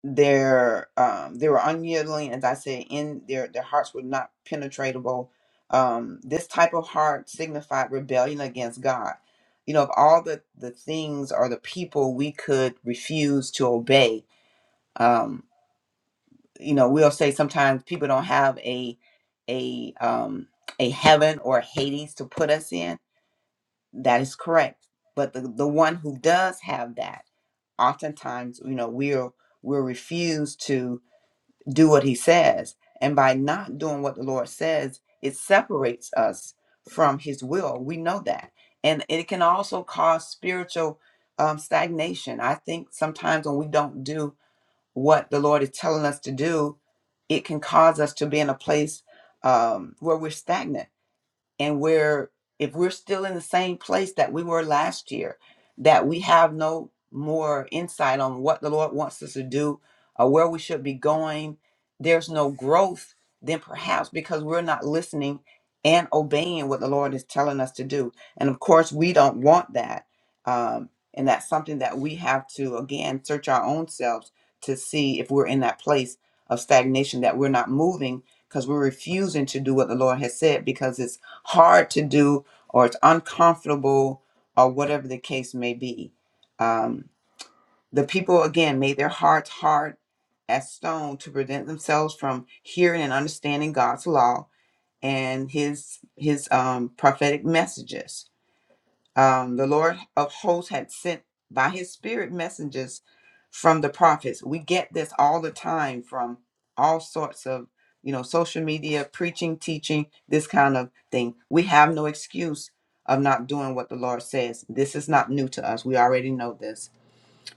their um, they were unyielding, as I said, in their their hearts were not penetratable. Um, this type of heart signified rebellion against God. You know, of all the the things or the people we could refuse to obey, um, you know we'll say sometimes people don't have a a um a heaven or hades to put us in that is correct but the, the one who does have that oftentimes you know we'll we'll refuse to do what he says and by not doing what the lord says it separates us from his will we know that and it can also cause spiritual um, stagnation i think sometimes when we don't do what the lord is telling us to do it can cause us to be in a place um, where we're stagnant and we're if we're still in the same place that we were last year that we have no more insight on what the lord wants us to do or where we should be going there's no growth then perhaps because we're not listening and obeying what the lord is telling us to do and of course we don't want that um, and that's something that we have to again search our own selves to see if we're in that place of stagnation that we're not moving because we're refusing to do what the lord has said because it's hard to do or it's uncomfortable or whatever the case may be. Um, the people, again, made their hearts hard as stone to prevent themselves from hearing and understanding God's law and his his um, prophetic messages. Um, the Lord of hosts had sent by his spirit messengers from the prophets. We get this all the time from all sorts of, you know, social media, preaching, teaching, this kind of thing. We have no excuse of not doing what the Lord says. This is not new to us. We already know this.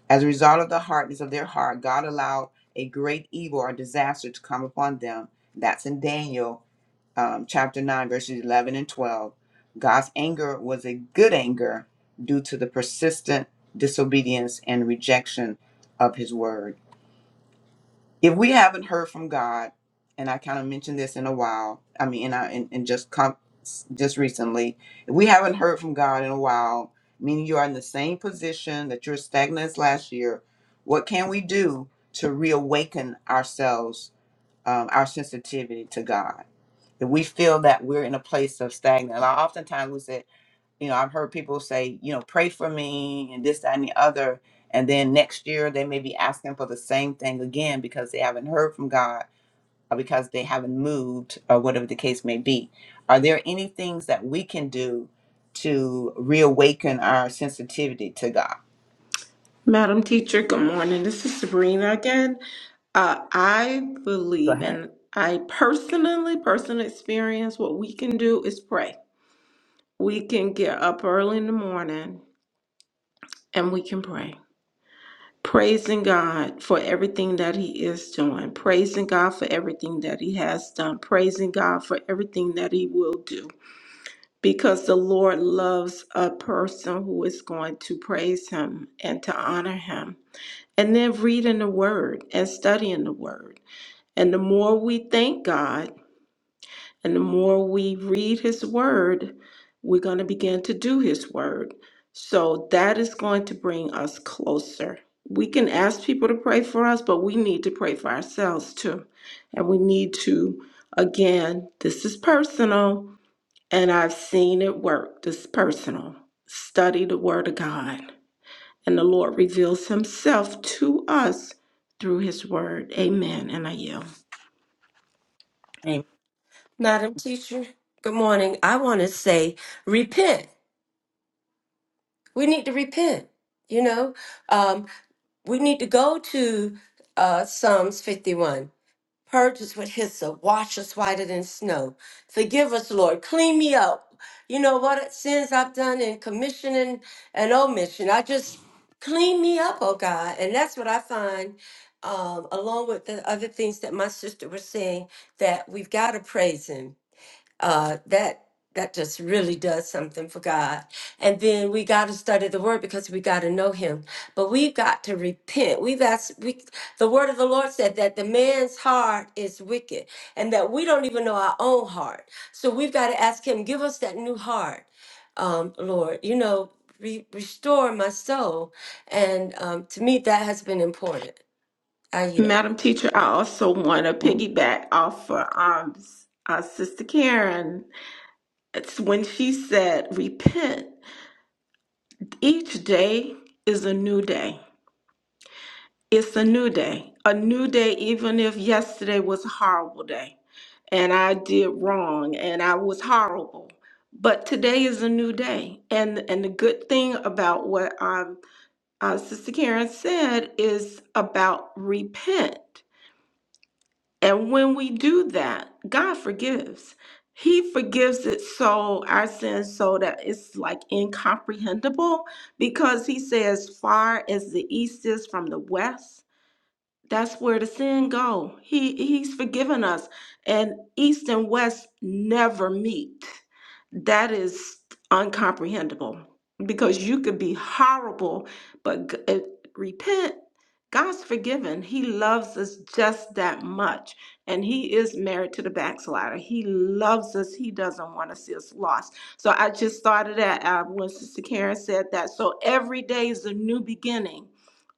As a result of the hardness of their heart, God allowed a great evil or disaster to come upon them. That's in Daniel um, chapter 9, verses 11 and 12. God's anger was a good anger due to the persistent disobedience and rejection of his word if we haven't heard from God, and I kind of mentioned this in a while, I mean, and I and, and just com- just recently, if we haven't heard from God in a while, meaning you are in the same position that you're stagnant as last year, what can we do to reawaken ourselves, um, our sensitivity to God? If we feel that we're in a place of stagnant, a lot, oftentimes we say you know, I've heard people say, you know, pray for me and this, that, and the other. And then next year they may be asking for the same thing again because they haven't heard from God or because they haven't moved or whatever the case may be. Are there any things that we can do to reawaken our sensitivity to God? Madam Teacher, good morning. This is Sabrina again. Uh, I Go believe, ahead. and I personally, personal experience, what we can do is pray we can get up early in the morning and we can pray. Praising God for everything that He is doing, praising God for everything that He has done, praising God for everything that He will do. Because the Lord loves a person who is going to praise Him and to honor Him. And then reading the Word and studying the Word. And the more we thank God, And the more we read His Word, we're going to begin to do His Word. So that is going to bring us closer. We can ask people to pray for us, but we need to pray for ourselves too. And we need to, again, this is personal, and I've seen it work. This is personal. Study the Word of God. And the Lord reveals Himself to us through His Word. Amen. And I yield. Am- Madam Teacher, good morning. I want to say, repent. We need to repent. You know, um, we need to go to uh, Psalms 51. Purge us with hyssop, wash us whiter than snow. Forgive us, Lord. Clean me up. You know what sins I've done in commission and, and omission. I just clean me up, oh God. And that's what I find, um, along with the other things that my sister was saying, that we've got to praise Him uh, that that just really does something for God. And then we got to study the Word because we got to know Him. But we've got to repent. We've asked. We, the Word of the Lord said that the man's heart is wicked, and that we don't even know our own heart. So we've got to ask Him, give us that new heart, um, Lord. You know, re- restore my soul. And um, to me, that has been important. I Madam Teacher, I also want to piggyback off of um, uh, Sister Karen. It's when she said, repent. Each day is a new day. It's a new day. A new day, even if yesterday was a horrible day and I did wrong and I was horrible. But today is a new day. And, and the good thing about what um, uh, Sister Karen said is about repent And when we do that, God forgives. He forgives it so, our sins, so that it's like incomprehensible because He says, far as the east is from the west. That's where the sin go. He he's forgiven us. And east and west never meet. That is uncomprehendable because you could be horrible, but g- uh, repent. God's forgiven. He loves us just that much. And he is married to the backslider. He loves us. He doesn't want to see us lost. So I just thought of that uh, when Sister Karen said that. So every day is a new beginning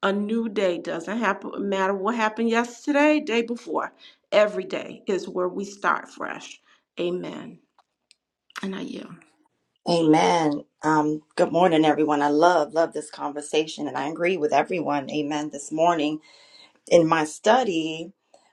a new day doesn't happen no matter what happened yesterday day before every day is where we start fresh amen and i yield Amen. Um, good morning, everyone. I love, love this conversation, and I agree with everyone. Amen. This morning, in my study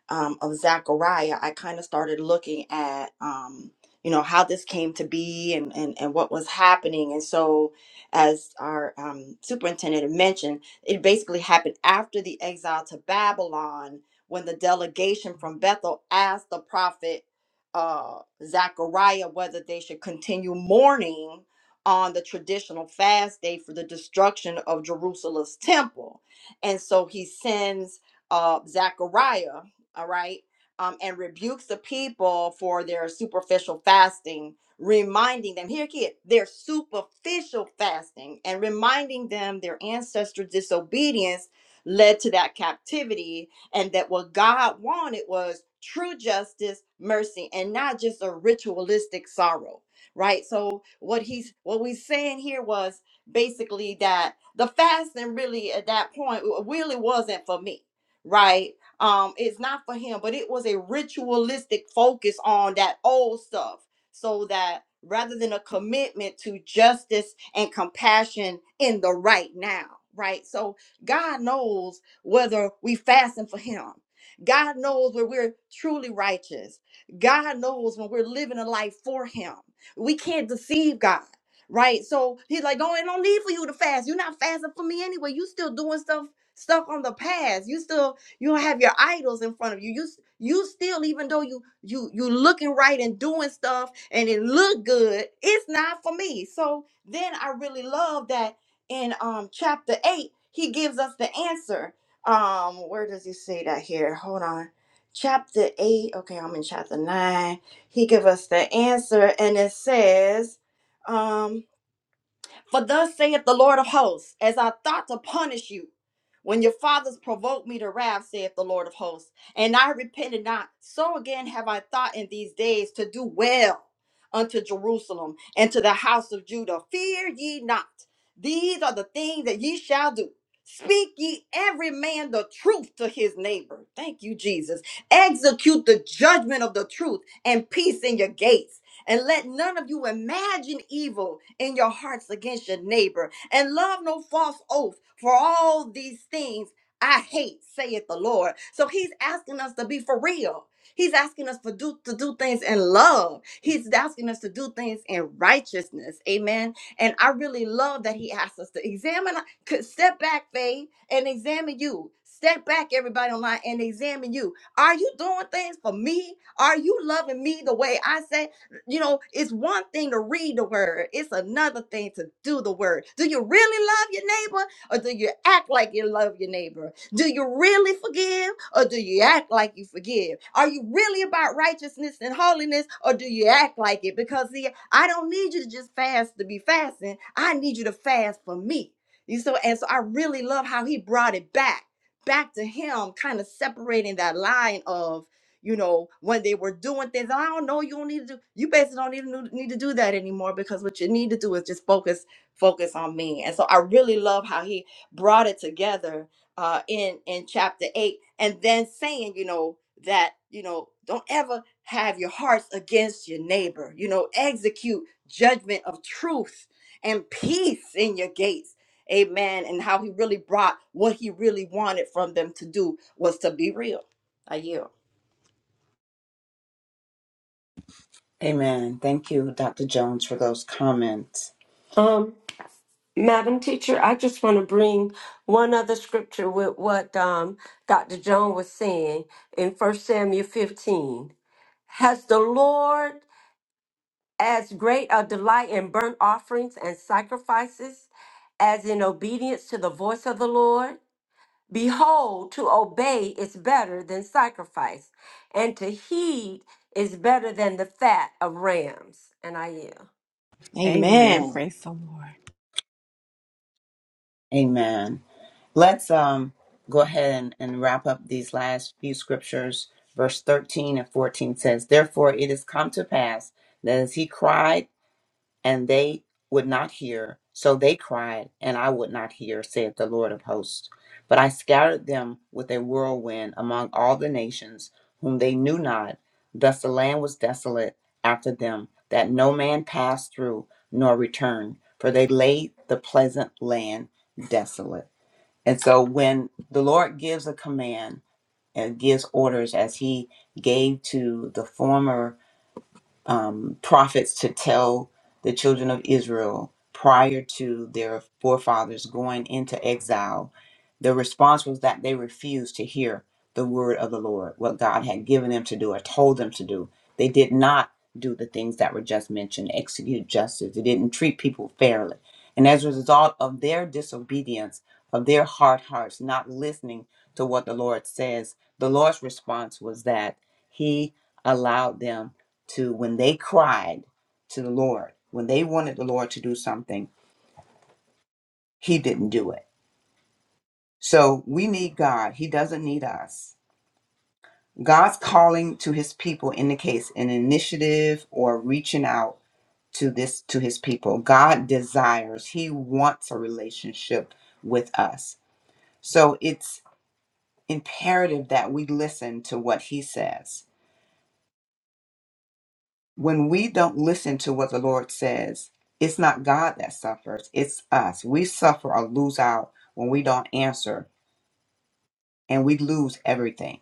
um, of Zechariah, I kind of started looking at, um, you know, how this came to be and, and, and what was happening. And so, as our um, superintendent had mentioned, it basically happened after the exile to Babylon when the delegation from Bethel asked the prophet uh, Zechariah whether they should continue mourning on the traditional fast day for the destruction of Jerusalem's temple. And so he sends uh, Zechariah, all right, um, and rebukes the people for their superficial fasting, reminding them, here, kid, their superficial fasting, and reminding them their ancestors' disobedience led to that captivity, and that what God wanted was true justice, mercy, and not just a ritualistic sorrow, right? So what he's what we're saying here was basically that the fasting really at that point w- really wasn't for me right? Um, it's not for him, but it was a ritualistic focus on that old stuff so that rather than a commitment to justice and compassion in the right now, right? So God knows whether we fasten for him. God knows where we're truly righteous. God knows when we're living a life for him. We can't deceive God. Right. So he's like, no, it don't need for you to fast. You're not fasting for me anyway. You still doing stuff stuck on the past. You still you don't have your idols in front of you. You s- you still, even though you you you looking right and doing stuff and it look good, it's not for me. So then I really love that in um chapter eight, he gives us the answer. Um, where does he say that here? Hold on. Chapter eight. Okay, I'm in chapter nine. He give us the answer and it says, um. For thus saith the Lord of hosts, as I thought to punish you, when your fathers provoked me to wrath, saith the Lord of hosts, and I repented not, so again have I thought in these days to do well unto Jerusalem and to the house of Judah. Fear ye not, these are the things that ye shall do. Speak ye every man the truth to his neighbor. Thank you, Jesus. Execute the judgment of the truth and peace in your gates. And let none of you imagine evil in your hearts against your neighbor. And love no false oath, for all these things I hate, saith the Lord. So he's asking us to be for real. He's asking us for do, to do things in love. He's asking us to do things in righteousness. Amen. And I really love that he asks us to examine, could step back, Faye, and examine you. Step back, everybody online, and examine you. Are you doing things for me? Are you loving me the way I say? You know, it's one thing to read the word, it's another thing to do the word. Do you really love your neighbor or do you act like you love your neighbor? Do you really forgive or do you act like you forgive? Are you really about righteousness and holiness or do you act like it? Because, see, I don't need you to just fast to be fasting, I need you to fast for me. You so and so I really love how he brought it back, back to him, kind of separating that line of you know, when they were doing things. I don't know. You don't need to do. You basically don't even need to do that anymore because what you need to do is just focus, focus on me. And so I really love how he brought it together uh, in in chapter eight, and then saying, you know, that you know, don't ever have your hearts against your neighbor. You know, execute judgment of truth and peace in your gates. Amen. And how he really brought what he really wanted from them to do was to be real. I yield. Amen. Thank you, Dr. Jones, for those comments. yield. Madam Teacher, I just want to bring one other scripture with what um, Dr. Joan was saying in First Samuel 15. Has the Lord as great a delight in burnt offerings and sacrifices as in obedience to the voice of the Lord? Behold, to obey is better than sacrifice, and to heed is better than the fat of rams. And I yield. Amen. Amen. Praise the Lord. Amen. Let's um go ahead and, and wrap up these last few scriptures. Verse 13 and 14 says, Therefore it has come to pass that as he cried, and they would not hear, so they cried, and I would not hear, saith the Lord of hosts. But I scattered them with a whirlwind among all the nations whom they knew not. Thus the land was desolate after them, that no man passed through nor returned, for they laid the pleasant land desolate. And so when the Lord gives a command and gives orders as he gave to the former um, prophets to tell the children of Israel prior to their forefathers going into exile, the response was that they refused to hear the word of the Lord, what God had given them to do or told them to do. They did not do the things that were just mentioned, execute justice. They didn't treat people fairly. And as a result of their disobedience, of their hard hearts, not listening to what the Lord says, the Lord's response was that He allowed them to when they cried to the Lord, when they wanted the Lord to do something, He didn't do it. So we need God. He doesn't need us. God's calling to His people indicates an initiative or reaching out to this to His people. God desires. He wants a relationship with us. So it's imperative that we listen to what He says when we don't listen to what the Lord says, it's not God that suffers, it's us. We suffer or lose out when we don't answer, and we lose everything.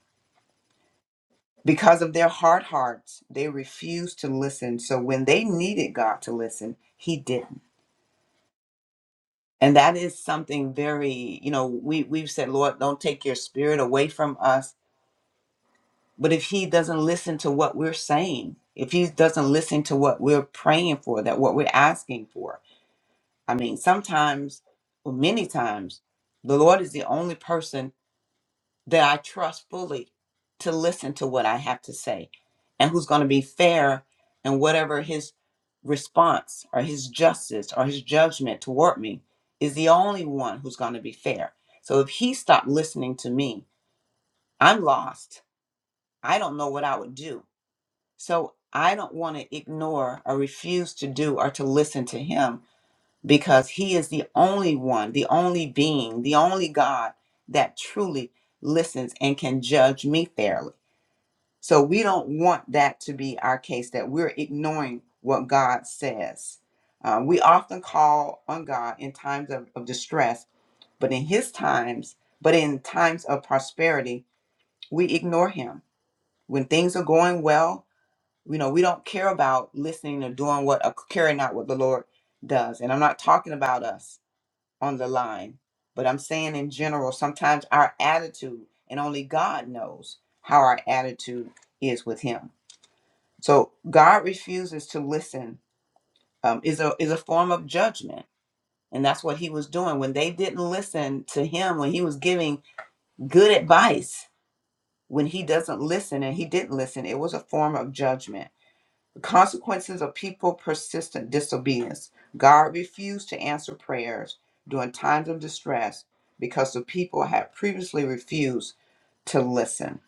Because of their hard hearts, they refuse to listen. So when they needed God to listen, He didn't. And that is something very, you know, we, we've said, Lord, don't take your spirit away from us. But if He doesn't listen to what we're saying, if He doesn't listen to what we're praying for, that what we're asking for, I mean, sometimes, or many times, the Lord is the only person that I trust fully to listen to what I have to say and who's going to be fair in whatever his response or his justice or his judgment toward me is the only one who's going to be fair. So if he stopped listening to me, I'm lost. I don't know what I would do. So I don't want to ignore or refuse to do or to listen to him because he is the only one, the only being, the only God that truly listens and can judge me fairly. So we don't want that to be our case that we're ignoring what God says. Uh, we often call on God in times of, of distress, but in his times, but in times of prosperity, we ignore him. When things are going well, you know, we don't care about listening or doing what or carrying out what the Lord does. And I'm not talking about us on the line. But I'm saying in general, sometimes our attitude, and only God knows how our attitude is with Him. So God refuses to listen um, is a is a form of judgment, and that's what He was doing when they didn't listen to Him when He was giving good advice. When He doesn't listen, and He didn't listen, it was a form of judgment. The consequences of people persistent disobedience. God refused to answer prayers during times of distress because the people had previously refused to listen.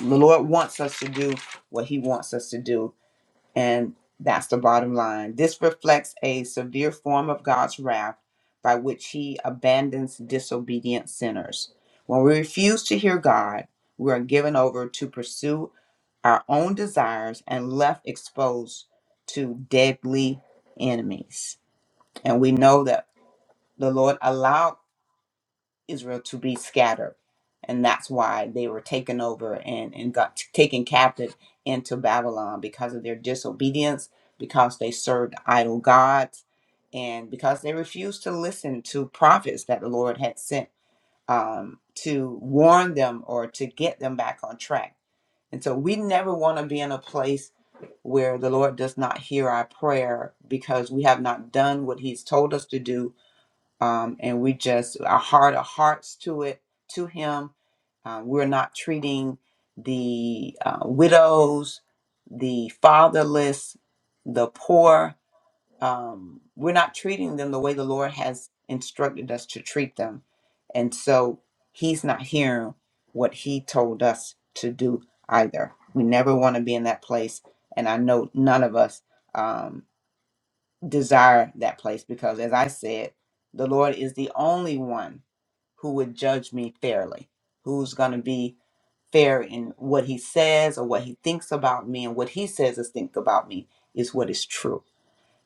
The Lord wants us to do what he wants us to do and that's the bottom line. This reflects a severe form of God's wrath by which he abandons disobedient sinners. When we refuse to hear God, we are given over to pursue our own desires and left exposed to deadly enemies. And we know that the Lord allowed Israel to be scattered. And that's why they were taken over and, and got taken captive into Babylon because of their disobedience, because they served idol gods, and because they refused to listen to prophets that the Lord had sent um, to warn them or to get them back on track. And so we never want to be in a place where the Lord does not hear our prayer because we have not done what He's told us to do um, and we just our heart of hearts to it to him um, we're not treating the uh, widows the fatherless the poor um, we're not treating them the way the lord has instructed us to treat them and so he's not hearing what he told us to do either we never want to be in that place and i know none of us Um, desire that place because, as I said, the Lord is the only one who would judge me fairly, who's going to be fair in what he says or what he thinks about me, and what he says is think about me is what is true.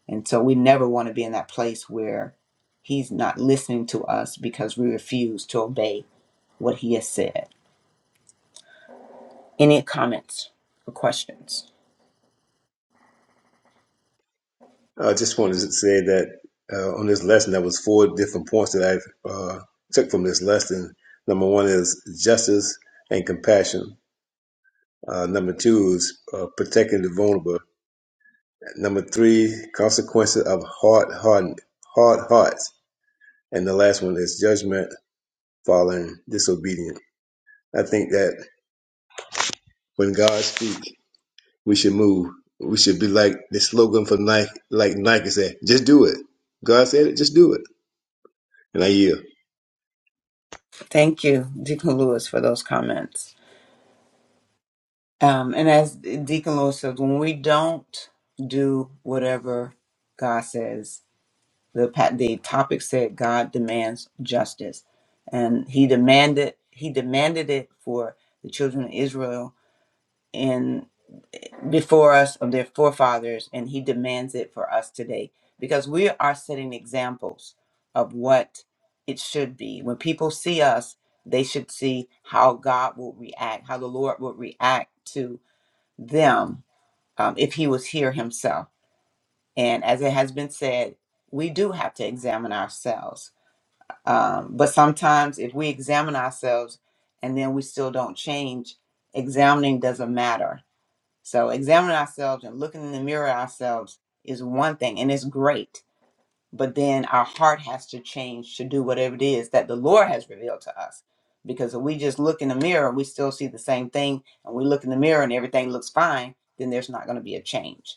And so we never want to be in that place where he's not listening to us because we refuse to obey what he has said. Any comments or questions? I just wanted to say that uh, on this lesson, there was four different points that I uh, took from this lesson. Number one is justice and compassion. Uh, number two is uh, protecting the vulnerable. Number three, consequences of hard, hard, hard hearts. And the last one is judgment following disobedience. I think that when God speaks, we should move. We should be like the slogan for Nike, like Nike said, just do it. God said it, just do it. And I yield. Thank you, Deacon Lewis, for those comments. Um, and as Deacon Lewis says, when we don't do whatever God says, the pa- the topic said God demands justice, and He demanded He demanded it for the children of Israel and before us of their forefathers, and He demands it for us today because we are setting examples of what it should be. When people see us, they should see how God will react, how the Lord will react to them um, if he was here himself. And as it has been said, we do have to examine ourselves. Um, but sometimes if we examine ourselves and then we still don't change, examining doesn't matter. So examining ourselves and looking in the mirror ourselves is one thing and it's great. But then our heart has to change to do whatever it is that the Lord has revealed to us. Because if we just look in the mirror and we still see the same thing and we look in the mirror and everything looks fine, then there's not going to be a change.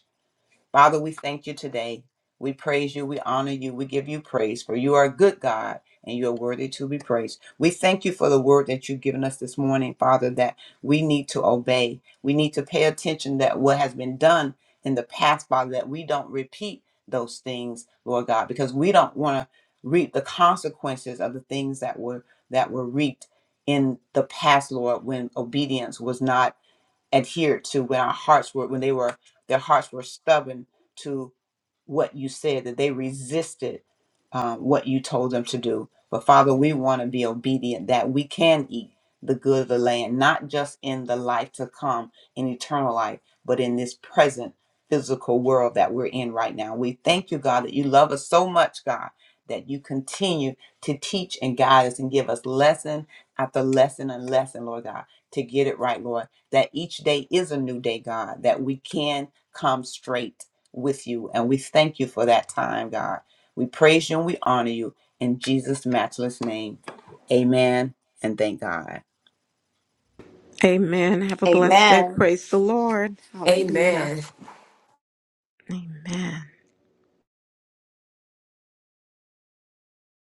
Father, we thank you today. We praise you. We honor you. We give you praise, for you are a good God and you are worthy to be praised. We thank you for the word that you've given us this morning, Father, that we need to obey. We need to pay attention that what has been done in the past, Father, that we don't repeat those things, Lord God, because we don't want to reap the consequences of the things that were that were reaped in the past, Lord, when obedience was not adhered to when our hearts were when they were their hearts were stubborn to what you said that they resisted uh, what you told them to do but father we want to be obedient that we can eat the good of the land, not just in the life to come, in eternal life, but in this present physical world that we're in right now. We thank you, God, that you love us so much, God, that you continue to teach and guide us and give us lesson after lesson and lesson, Lord God, to get it right, Lord, that each day is a new day, God, that we can come straight with you. And we thank you for that time, God. We praise you and we honor you in Jesus' matchless name. Amen and thank God. Amen. Have a blessed day. Amen. Praise the Lord. Hallelujah. Amen. Amen.